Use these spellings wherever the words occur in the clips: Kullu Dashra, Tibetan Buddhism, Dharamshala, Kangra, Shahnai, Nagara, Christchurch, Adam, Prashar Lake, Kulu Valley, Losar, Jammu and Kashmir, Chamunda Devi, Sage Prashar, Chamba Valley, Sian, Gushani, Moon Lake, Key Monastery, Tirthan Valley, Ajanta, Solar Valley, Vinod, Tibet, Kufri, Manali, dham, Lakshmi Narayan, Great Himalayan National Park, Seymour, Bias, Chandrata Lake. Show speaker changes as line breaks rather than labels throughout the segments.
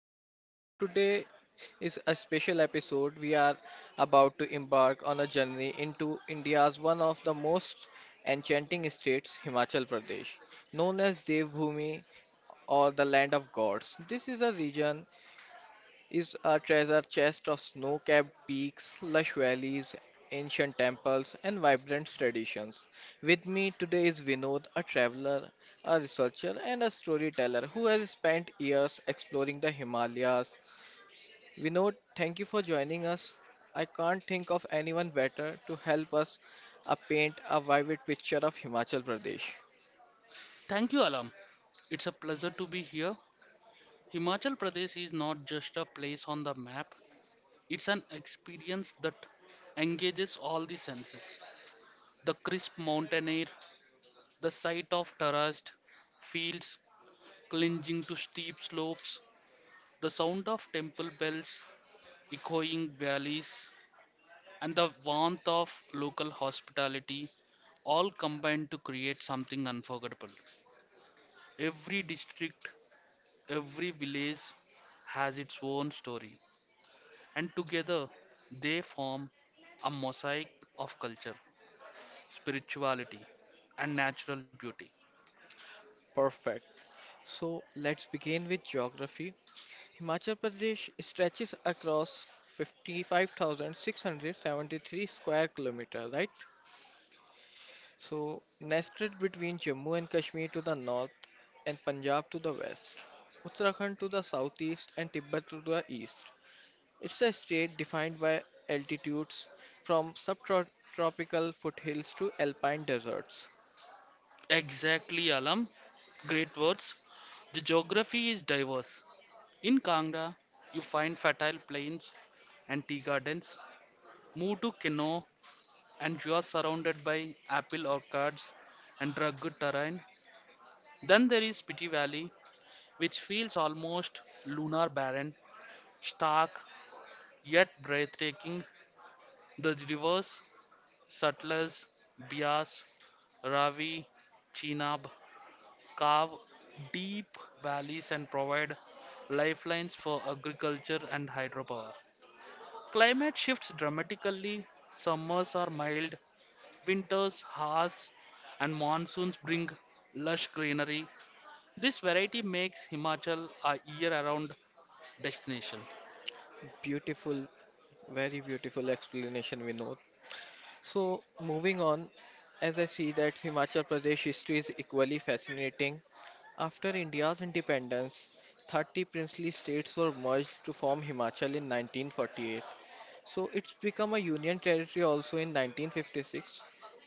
listeners. So, today is a special episode. We are about to embark on a journey into India's one of the most enchanting states, Himachal Pradesh, known as Devbhoomi or the land of gods. This is a region is a treasure chest of snow capped peaks, lush valleys, ancient temples, and vibrant traditions. With me today is Vinod, a traveler, a researcher, and a storyteller who has spent years exploring the Himalayas. Vinod, thank you for joining us. I can't think of anyone better to help us paint a vivid picture of Himachal Pradesh.
Thank you, Alam. It's a pleasure to be here. Himachal Pradesh is not just a place on the map, it's an experience that engages all the senses. The crisp mountain air, the sight of terraced fields clinging to steep slopes, the sound of temple bells echoing valleys, and the warmth of local hospitality all combine to create something unforgettable. Every district, every village has its own story, and together they form a mosaic of culture, spirituality, and natural beauty.
Perfect. So let's begin with geography. Himachal Pradesh stretches across 55,673 square kilometer, right? So, nested between Jammu and Kashmir to the north and Punjab to the west, Uttarakhand to the southeast and Tibet to the east. It's a state defined by altitudes from subtropical foothills to alpine deserts.
Exactly, Alam. Great words. The geography is diverse. In Kangra, you find fertile plains and tea gardens. Move to Kinnaur, and you are surrounded by apple orchards and rugged terrain. Then there is Spiti Valley, which feels almost lunar barren, stark yet breathtaking. The rivers Sutlej, Bias, Ravi, Chenab carve deep valleys and provide lifelines for agriculture and hydropower. Climate shifts dramatically. Summers are mild, winters harsh, and monsoons bring lush greenery. This variety makes Himachal a year-round destination.
Beautiful, very beautiful explanation, Vinod. So, moving on, as I see that Himachal Pradesh history is equally fascinating. After India's independence, 30 princely states were merged to form Himachal in 1948. So, it's become a union territory also in 1956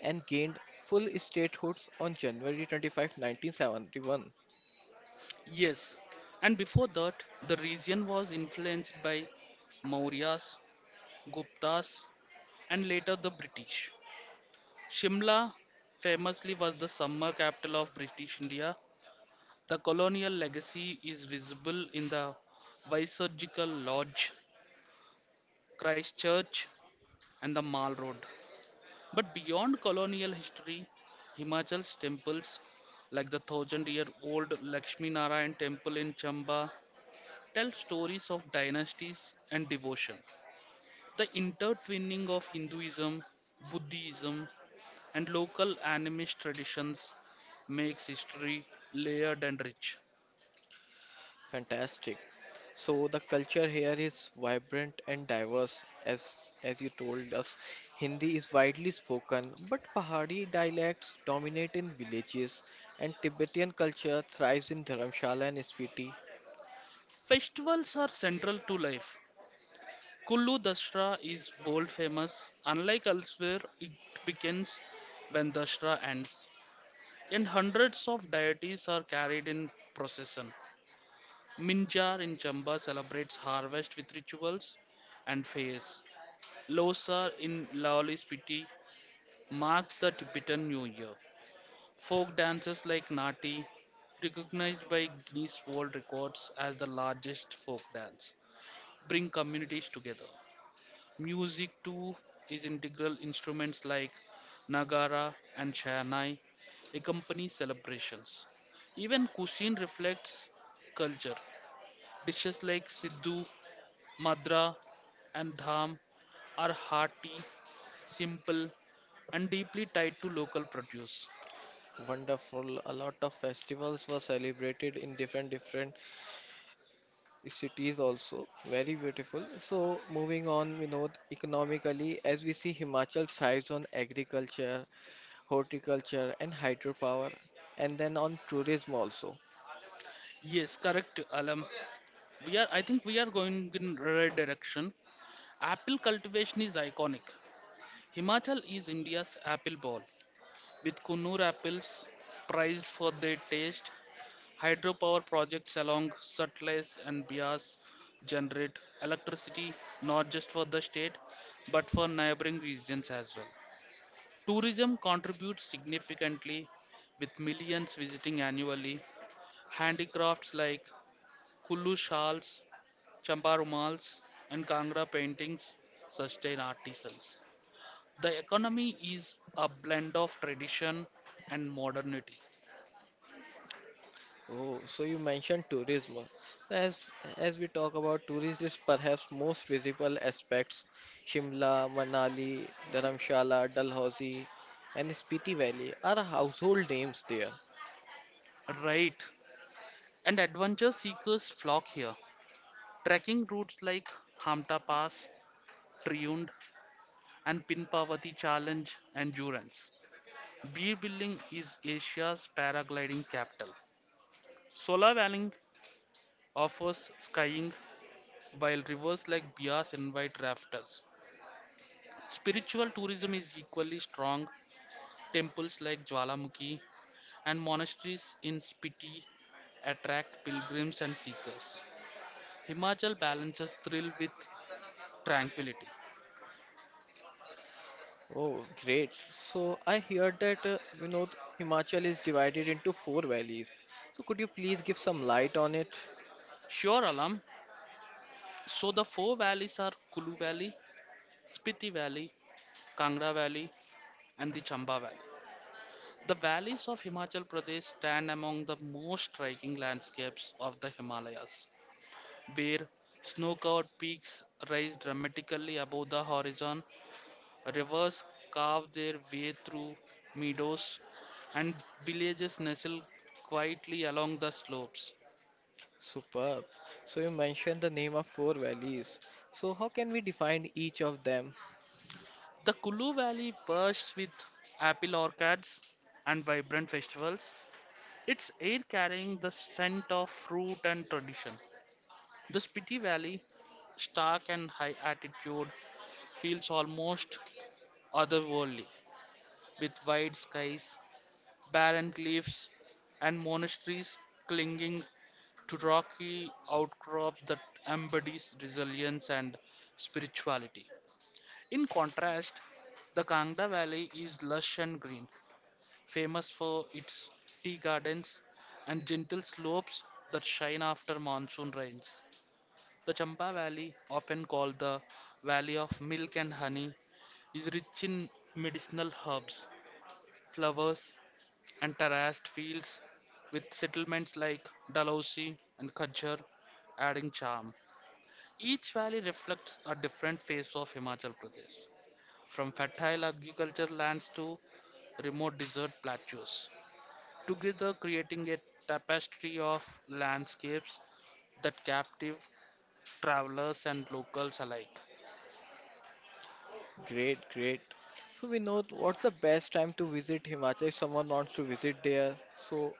and gained full statehood on January 25, 1971.
Yes, and before that, the region was influenced by Mauryas, Guptas, and later the British. Shimla famously was the summer capital of British India. The colonial legacy is visible in the Viceroyal Lodge, Christchurch, and the Mall Road. But beyond colonial history, Himachal's temples, like the thousand year old Lakshmi Narayan temple in Chamba, tell stories of dynasties and devotion. The intertwining of Hinduism, Buddhism, and local animist traditions makes history layered and rich.
Fantastic. So the culture here is vibrant and diverse as you told us. Hindi is widely spoken, but Pahari dialects dominate in villages and Tibetan culture thrives in Dharamshala and Spiti.
Festivals are central to life. Kullu Dashra is world famous. Unlike elsewhere, it begins when Dashra ends, and hundreds of deities are carried in procession. Minjar in Chamba celebrates harvest with rituals and fairs. Losar in Laoli Spiti marks the Tibetan New Year. Folk dances like Nati, recognized by Guinness World Records as the largest folk dance, bring communities together. Music too is integral. Instruments like Nagara and Shahnai accompany celebrations. Even cuisine reflects culture. Dishes like Siddu, Madra, and Dham are hearty, simple, and deeply tied to local produce.
Wonderful. A lot of festivals were celebrated in different different cities also. Very beautiful. So moving on, Vinod, economically, as we see Himachal thrives on agriculture, horticulture and hydropower and then on tourism also.
Yes, correct, Alam. We are, I think we are going in right direction. Apple cultivation is iconic. Himachal is India's apple bowl, with Kunnur apples prized for their taste. Hydropower projects along Sutlej and Bias generate electricity not just for the state but for neighboring regions as well. Tourism contributes significantly, with millions visiting annually. Handicrafts like Kullu shawls, Champa rumals, and Kangra paintings sustain artisans. The economy is a blend of tradition and modernity.
Oh, so you mentioned tourism. As as we talk about tourism is perhaps most visible aspects, Shimla, Manali, Dharamshala, Dalhousie, and Spiti Valley are household names there.
Right, and adventure seekers flock here. Trekking routes like Hamta Pass, Triund, and Pinpavati Challenge Endurance. Beerbilling is Asia's paragliding capital. Solar Valley offers skiing while rivers like Bias invite rafters. Spiritual tourism is equally strong. Temples like Jwalamukhi and monasteries in Spiti attract pilgrims and seekers. Himachal balances thrill with tranquility.
Oh, great. So I hear that you know Himachal is divided into four valleys. So could you please give some light on it?
Sure, Alam. So the four valleys are Kulu Valley, Spiti Valley, Kangra Valley, and the Chamba Valley. The valleys of Himachal Pradesh stand among the most striking landscapes of the Himalayas, where snow covered peaks rise dramatically above the horizon. Rivers carve their way through meadows, and villages nestle quietly along the slopes.
Superb. So you mentioned the name of four valleys. So how can we define each of them?
The Kulu Valley bursts with apple orchards and vibrant festivals, its air carrying the scent of fruit and tradition. The Spiti Valley, stark and high altitude, feels almost otherworldly, with wide skies, barren cliffs, and monasteries clinging to rocky outcrops that embodies resilience and spirituality. In contrast, the Kangda Valley is lush and green, famous for its tea gardens and gentle slopes that shine after monsoon rains. The Champa Valley, often called the Valley of Milk and Honey, is rich in medicinal herbs, flowers, and terraced fields, with settlements like Dalhousie and Khajjar adding charm. Each valley reflects a different face of Himachal Pradesh, from fertile agricultural lands to remote desert plateaus, together creating a tapestry of landscapes that captive travelers and locals alike.
Great, great. So we know what's the best time to visit Himachal if someone wants to visit there, so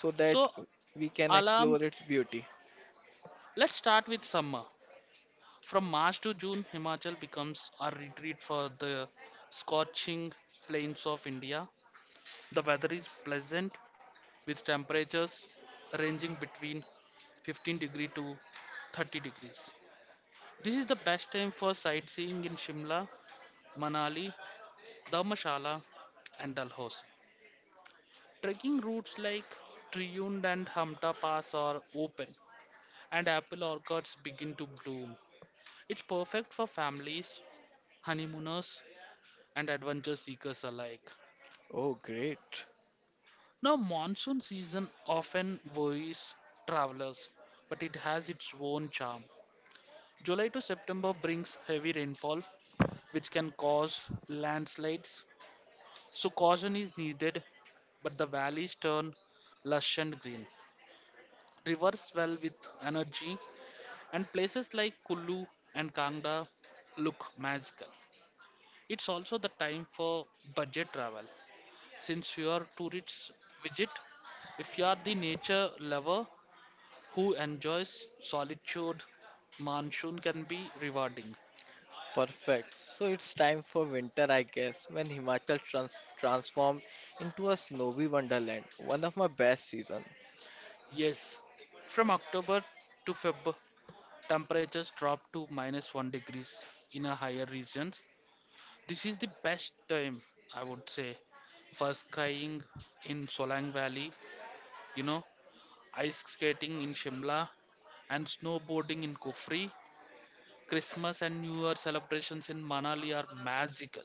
so that
So,
we can
Alam,
explore its beauty.
let's start with summer. From March to June, Himachal becomes a retreat for the scorching plains of India. The weather is pleasant, with temperatures ranging between 15 degree to 30 degrees. This is the best time for sightseeing in Shimla, Manali, Dharamshala, and Dalhousie. Trekking routes like Triund and Hamta Pass are open, and apple orchards begin to bloom. It's perfect for families, honeymooners, and adventure seekers alike.
Oh, great.
Now, monsoon season often worries travelers, but it has its own charm. July to September brings heavy rainfall, which can cause landslides, so caution is needed. But the valleys turn lush and green. Rivers swell with energy, and places like Kullu and Kangda look magical. It's also the time for budget travel, since you are tourists visit. If you are the nature lover who enjoys solitude, monsoon can be rewarding.
Perfect. So it's time for winter, I guess, when Himachal transform into a snowy wonderland. One of my best season.
Yes, from October to Feb, temperatures drop to minus 1 degrees in a higher regions. This is the best time, I would say, for skiing in Solang Valley, you know, ice skating in Shimla, and snowboarding in Kufri. Christmas and New Year celebrations in Manali are magical.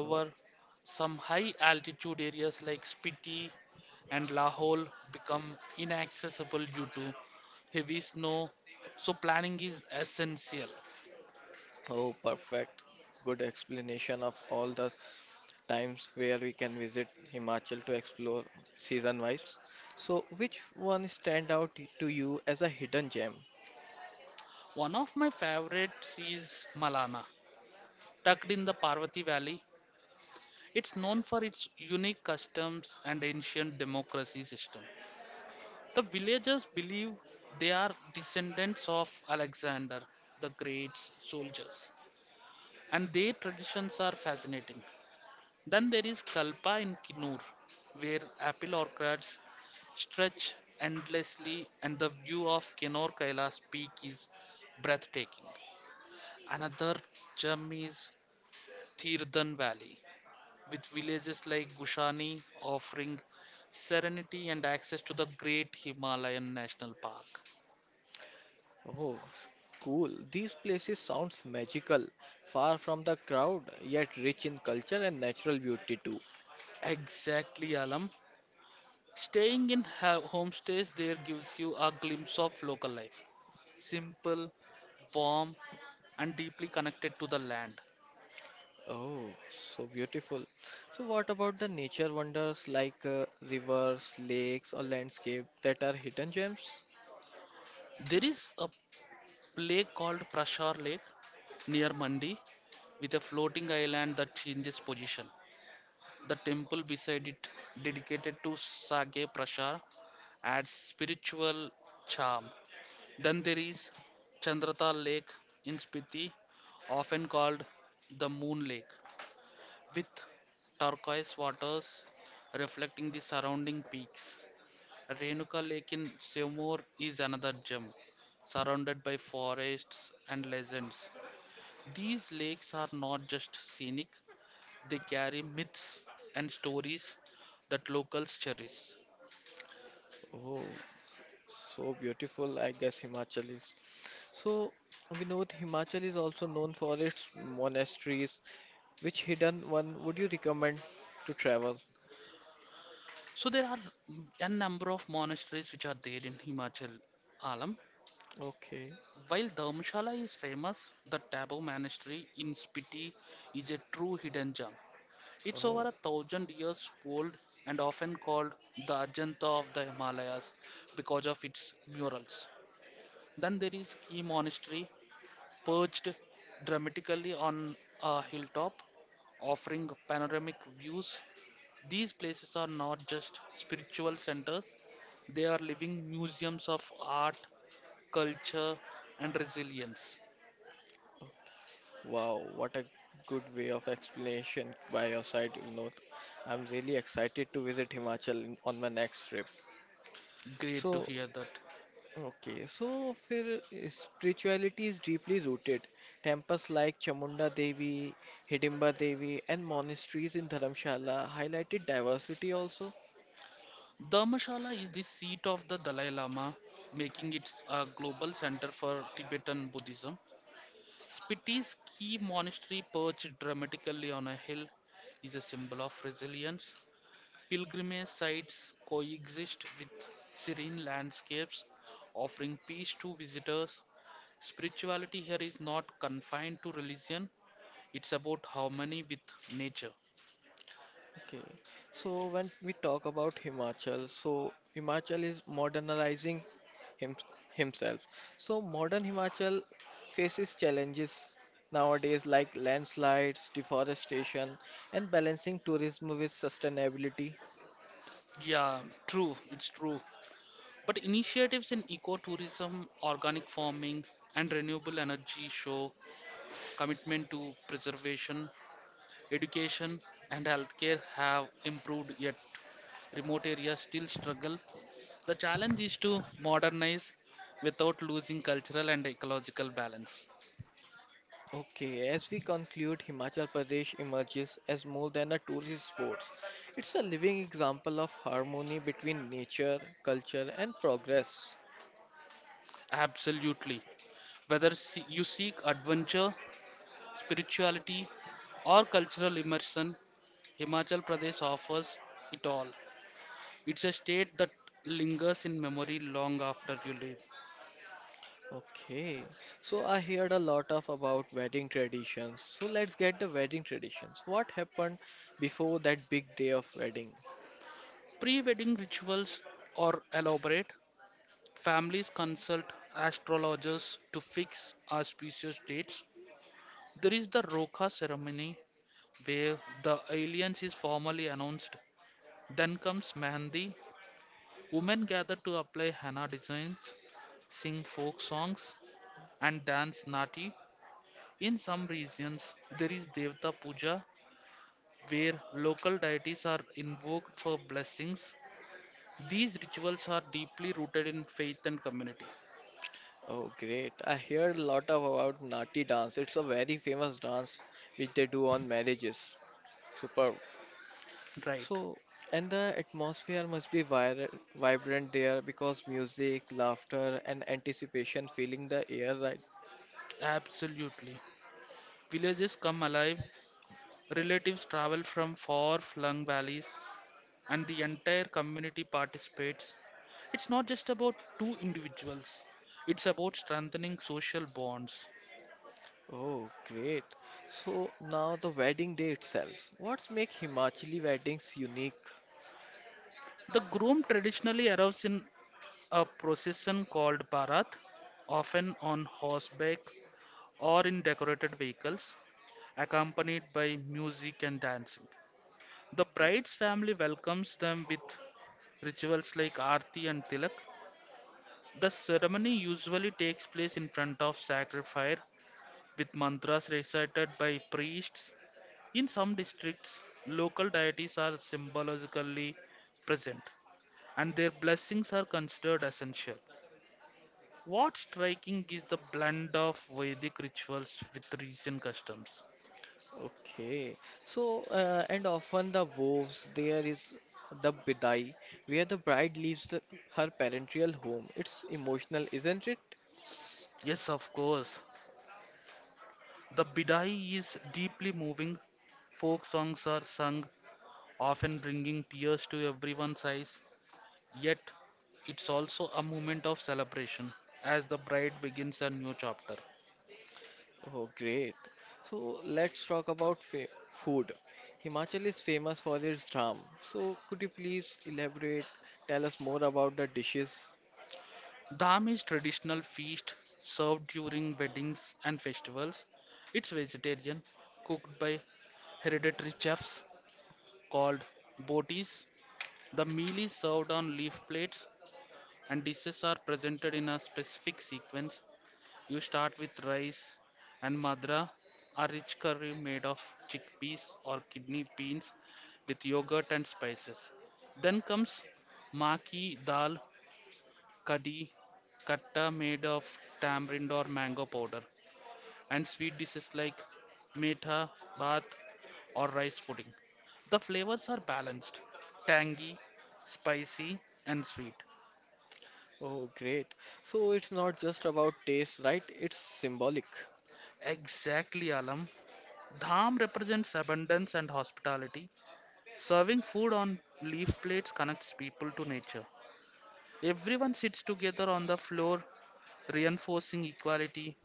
Oh,
some high altitude areas like Spiti and Lahore become inaccessible due to heavy snow, so planning is essential.
oh, perfect. Good explanation of all the times where we can visit Himachal to explore season wise. So, which one stand out to you as a hidden gem?
One of my favorites is Malana, tucked in the Parvati Valley. It's known for its unique customs and ancient democracy system. The villagers believe they are descendants of Alexander the Great's soldiers, and their traditions are fascinating. Then there is Kalpa in Kinur, where apple orchards stretch endlessly, and the view of Kinur Kailas peak is breathtaking. Another gem is Tirthan Valley, with villages like Gushani offering serenity and access to the Great Himalayan National Park.
Oh, cool. These places sounds magical, far from the crowd, yet rich in culture and natural beauty too.
Exactly, Alam. Staying in homestays there gives you a glimpse of local life. Simple, warm, and deeply connected to the land.
Oh, so beautiful. So, what about the nature wonders like rivers, lakes, or landscape that are hidden gems?
There is a lake called Prashar Lake near Mandi with a floating island that changes position. The temple beside it, dedicated to Sage Prashar, adds spiritual charm. Then there is Chandrata Lake in Spiti, often called the Moon Lake, with turquoise waters reflecting the surrounding peaks. Renuka Lake in Seymour is another gem, surrounded by forests and legends. These lakes are not just scenic, they carry myths and stories that locals cherish.
Oh, so beautiful, I guess Himachal is. So we know that Himachal is also known for its monasteries. Which hidden one would you recommend to travel?
So there are a number of monasteries which are there in Himachal, Alam.
Okay.
While Dharamshala is famous, the Tabo Monastery in Spiti is a true hidden gem. It's over
Oh,
a thousand years old, and often called the Ajanta of the Himalayas because of its murals. Then there is Key Monastery, perched dramatically on a hilltop, offering panoramic views. These places are not just spiritual centers, they are living museums of art, culture, and resilience.
oh, wow. What a good way of explanation by your side, Vinod. I'm really excited to visit Himachal on my next trip.
Great to
So,
hear that.
okay, so फिर spirituality is deeply rooted. Temples like Chamunda Devi, Hidimba Devi, and monasteries in Dharamshala highlighted diversity also.
Dharmshala is the seat of the Dalai Lama, making it a global center for Tibetan Buddhism. Spiti's key monastery, perched dramatically on a hill, is a symbol of resilience. Pilgrimage sites coexist with serene landscapes, offering peace to visitors. Spirituality here is not confined to religion, it's about harmony with nature.
Okay, so when we talk about Himachal, so Himachal is modernizing him, himself. So modern Himachal faces challenges nowadays like landslides, deforestation, and balancing tourism with sustainability.
Yeah, true, it's true. But initiatives in ecotourism, organic farming, and renewable energy show commitment to preservation. Education and healthcare have improved, yet remote areas still struggle. The challenge is to modernize without losing cultural and ecological balance.
Okay, as we conclude, Himachal Pradesh emerges as more than a tourist spot. It's a living example of harmony between nature, culture, and progress.
Absolutely. Whether you seek adventure, spirituality, or cultural immersion, Himachal Pradesh offers it all. It's a state that lingers in memory long after you leave.
Okay, so I heard a lot of about wedding traditions. So let's get the wedding traditions. What happened before that big day of wedding?
Pre wedding rituals are elaborate. Families consult astrologers to fix auspicious dates. There is the Roka ceremony where the alliance is formally announced. Then comes Mehndi. Women gather to apply henna designs, sing folk songs, and dance nati. In some regions, there is Devta Puja, where local deities are invoked for blessings. These rituals are deeply rooted in faith and community.
Oh, great. I heard a lot of about Nati dance. It's a very famous dance which they do on marriages. Super.
Right,
So, and the atmosphere must be vir vibrant there because music, laughter, and anticipation filling the air, right?
absolutely. Villages come alive, relatives travel from far flung valleys, and the entire community participates. It's not just about two individuals, it's about strengthening social bonds.
Oh, great. So, now the wedding day itself. What's make Himachali weddings unique?
The groom traditionally arrives in a procession called Bharat, often on horseback or in decorated vehicles, accompanied by music and dancing. The bride's family welcomes them with rituals like Aarti and Tilak. The ceremony usually takes place in front of sacred fire with mantras recited by priests. In some districts, local deities are symbolically present and their blessings are considered essential. What's striking is the blend of Vedic rituals with recent customs.
Okay. So, and often the vows, there is the bidai, where the bride leaves her parental home. It's emotional, isn't it?
Yes, of course, the bidai is deeply moving. Folk songs are sung, often bringing tears to everyone's eyes. Yet, it's also a moment of celebration as the bride begins a new chapter.
Oh, great. So let's talk about fa food. Himachal is famous for its drum. So could you please elaborate, tell us more about the dishes?
Dham is traditional feast served during weddings and festivals. It's vegetarian, cooked by hereditary chefs called botis. The meal is served on leaf plates and dishes are presented in a specific sequence. You start with rice and madra, a rich curry made of chickpeas or kidney beans with yogurt and spices. Then comes maki dal, kadi, katta made of tamarind or mango powder, and sweet dishes like metha, bath, or rice pudding. The flavors are balanced, tangy, spicy, and sweet.
Oh, great. So it's not just about taste, right? It's symbolic.
Exactly, Alam. Dham represents abundance and hospitality. Serving food on leaf plates connects people to nature. Everyone sits together on the floor, reinforcing equality.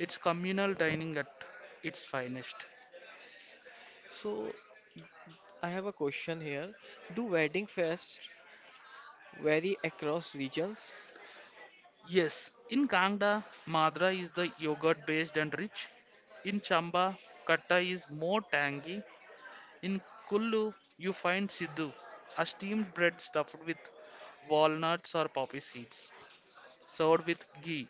It's communal dining at its finest.
So I have a question here. Do wedding fests vary across regions?
Yes, in Kangda, Madra is the yogurt based and rich. In Chamba, Katta is more tangy. In Kullu, you find Siddu, a steamed bread stuffed with walnuts or poppy seeds, served with ghee.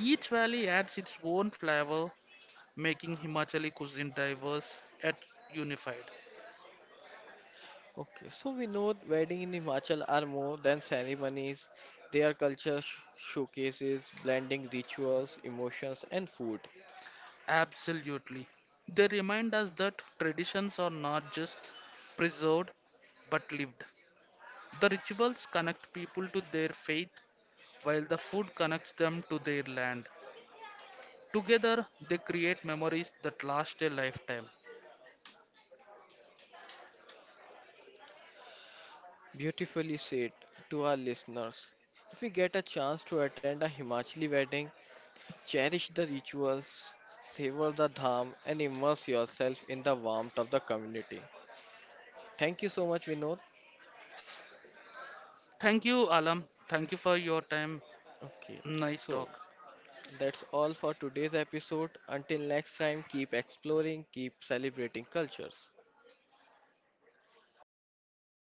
Each valley adds its own flavor, making Himachali cuisine diverse yet unified.
Okay, so we know wedding in Himachal are more than ceremonies. They are culture showcases, blending rituals, emotions, and food.
Absolutely. They remind us that traditions are not just preserved but lived. The rituals connect people to their faith while the food connects them to their land. Together, they create memories that last a lifetime.
Beautifully said to our listeners. If you get a chance to attend a Himachali wedding, cherish the rituals, savor the dham, and immerse yourself in the warmth of the community. Thank you so much, Vinod.
Thank you, Alam. Thank you for your time.
Okay,
Nice
so
talk.
that's all for today's episode. Until next time, keep exploring, keep celebrating cultures.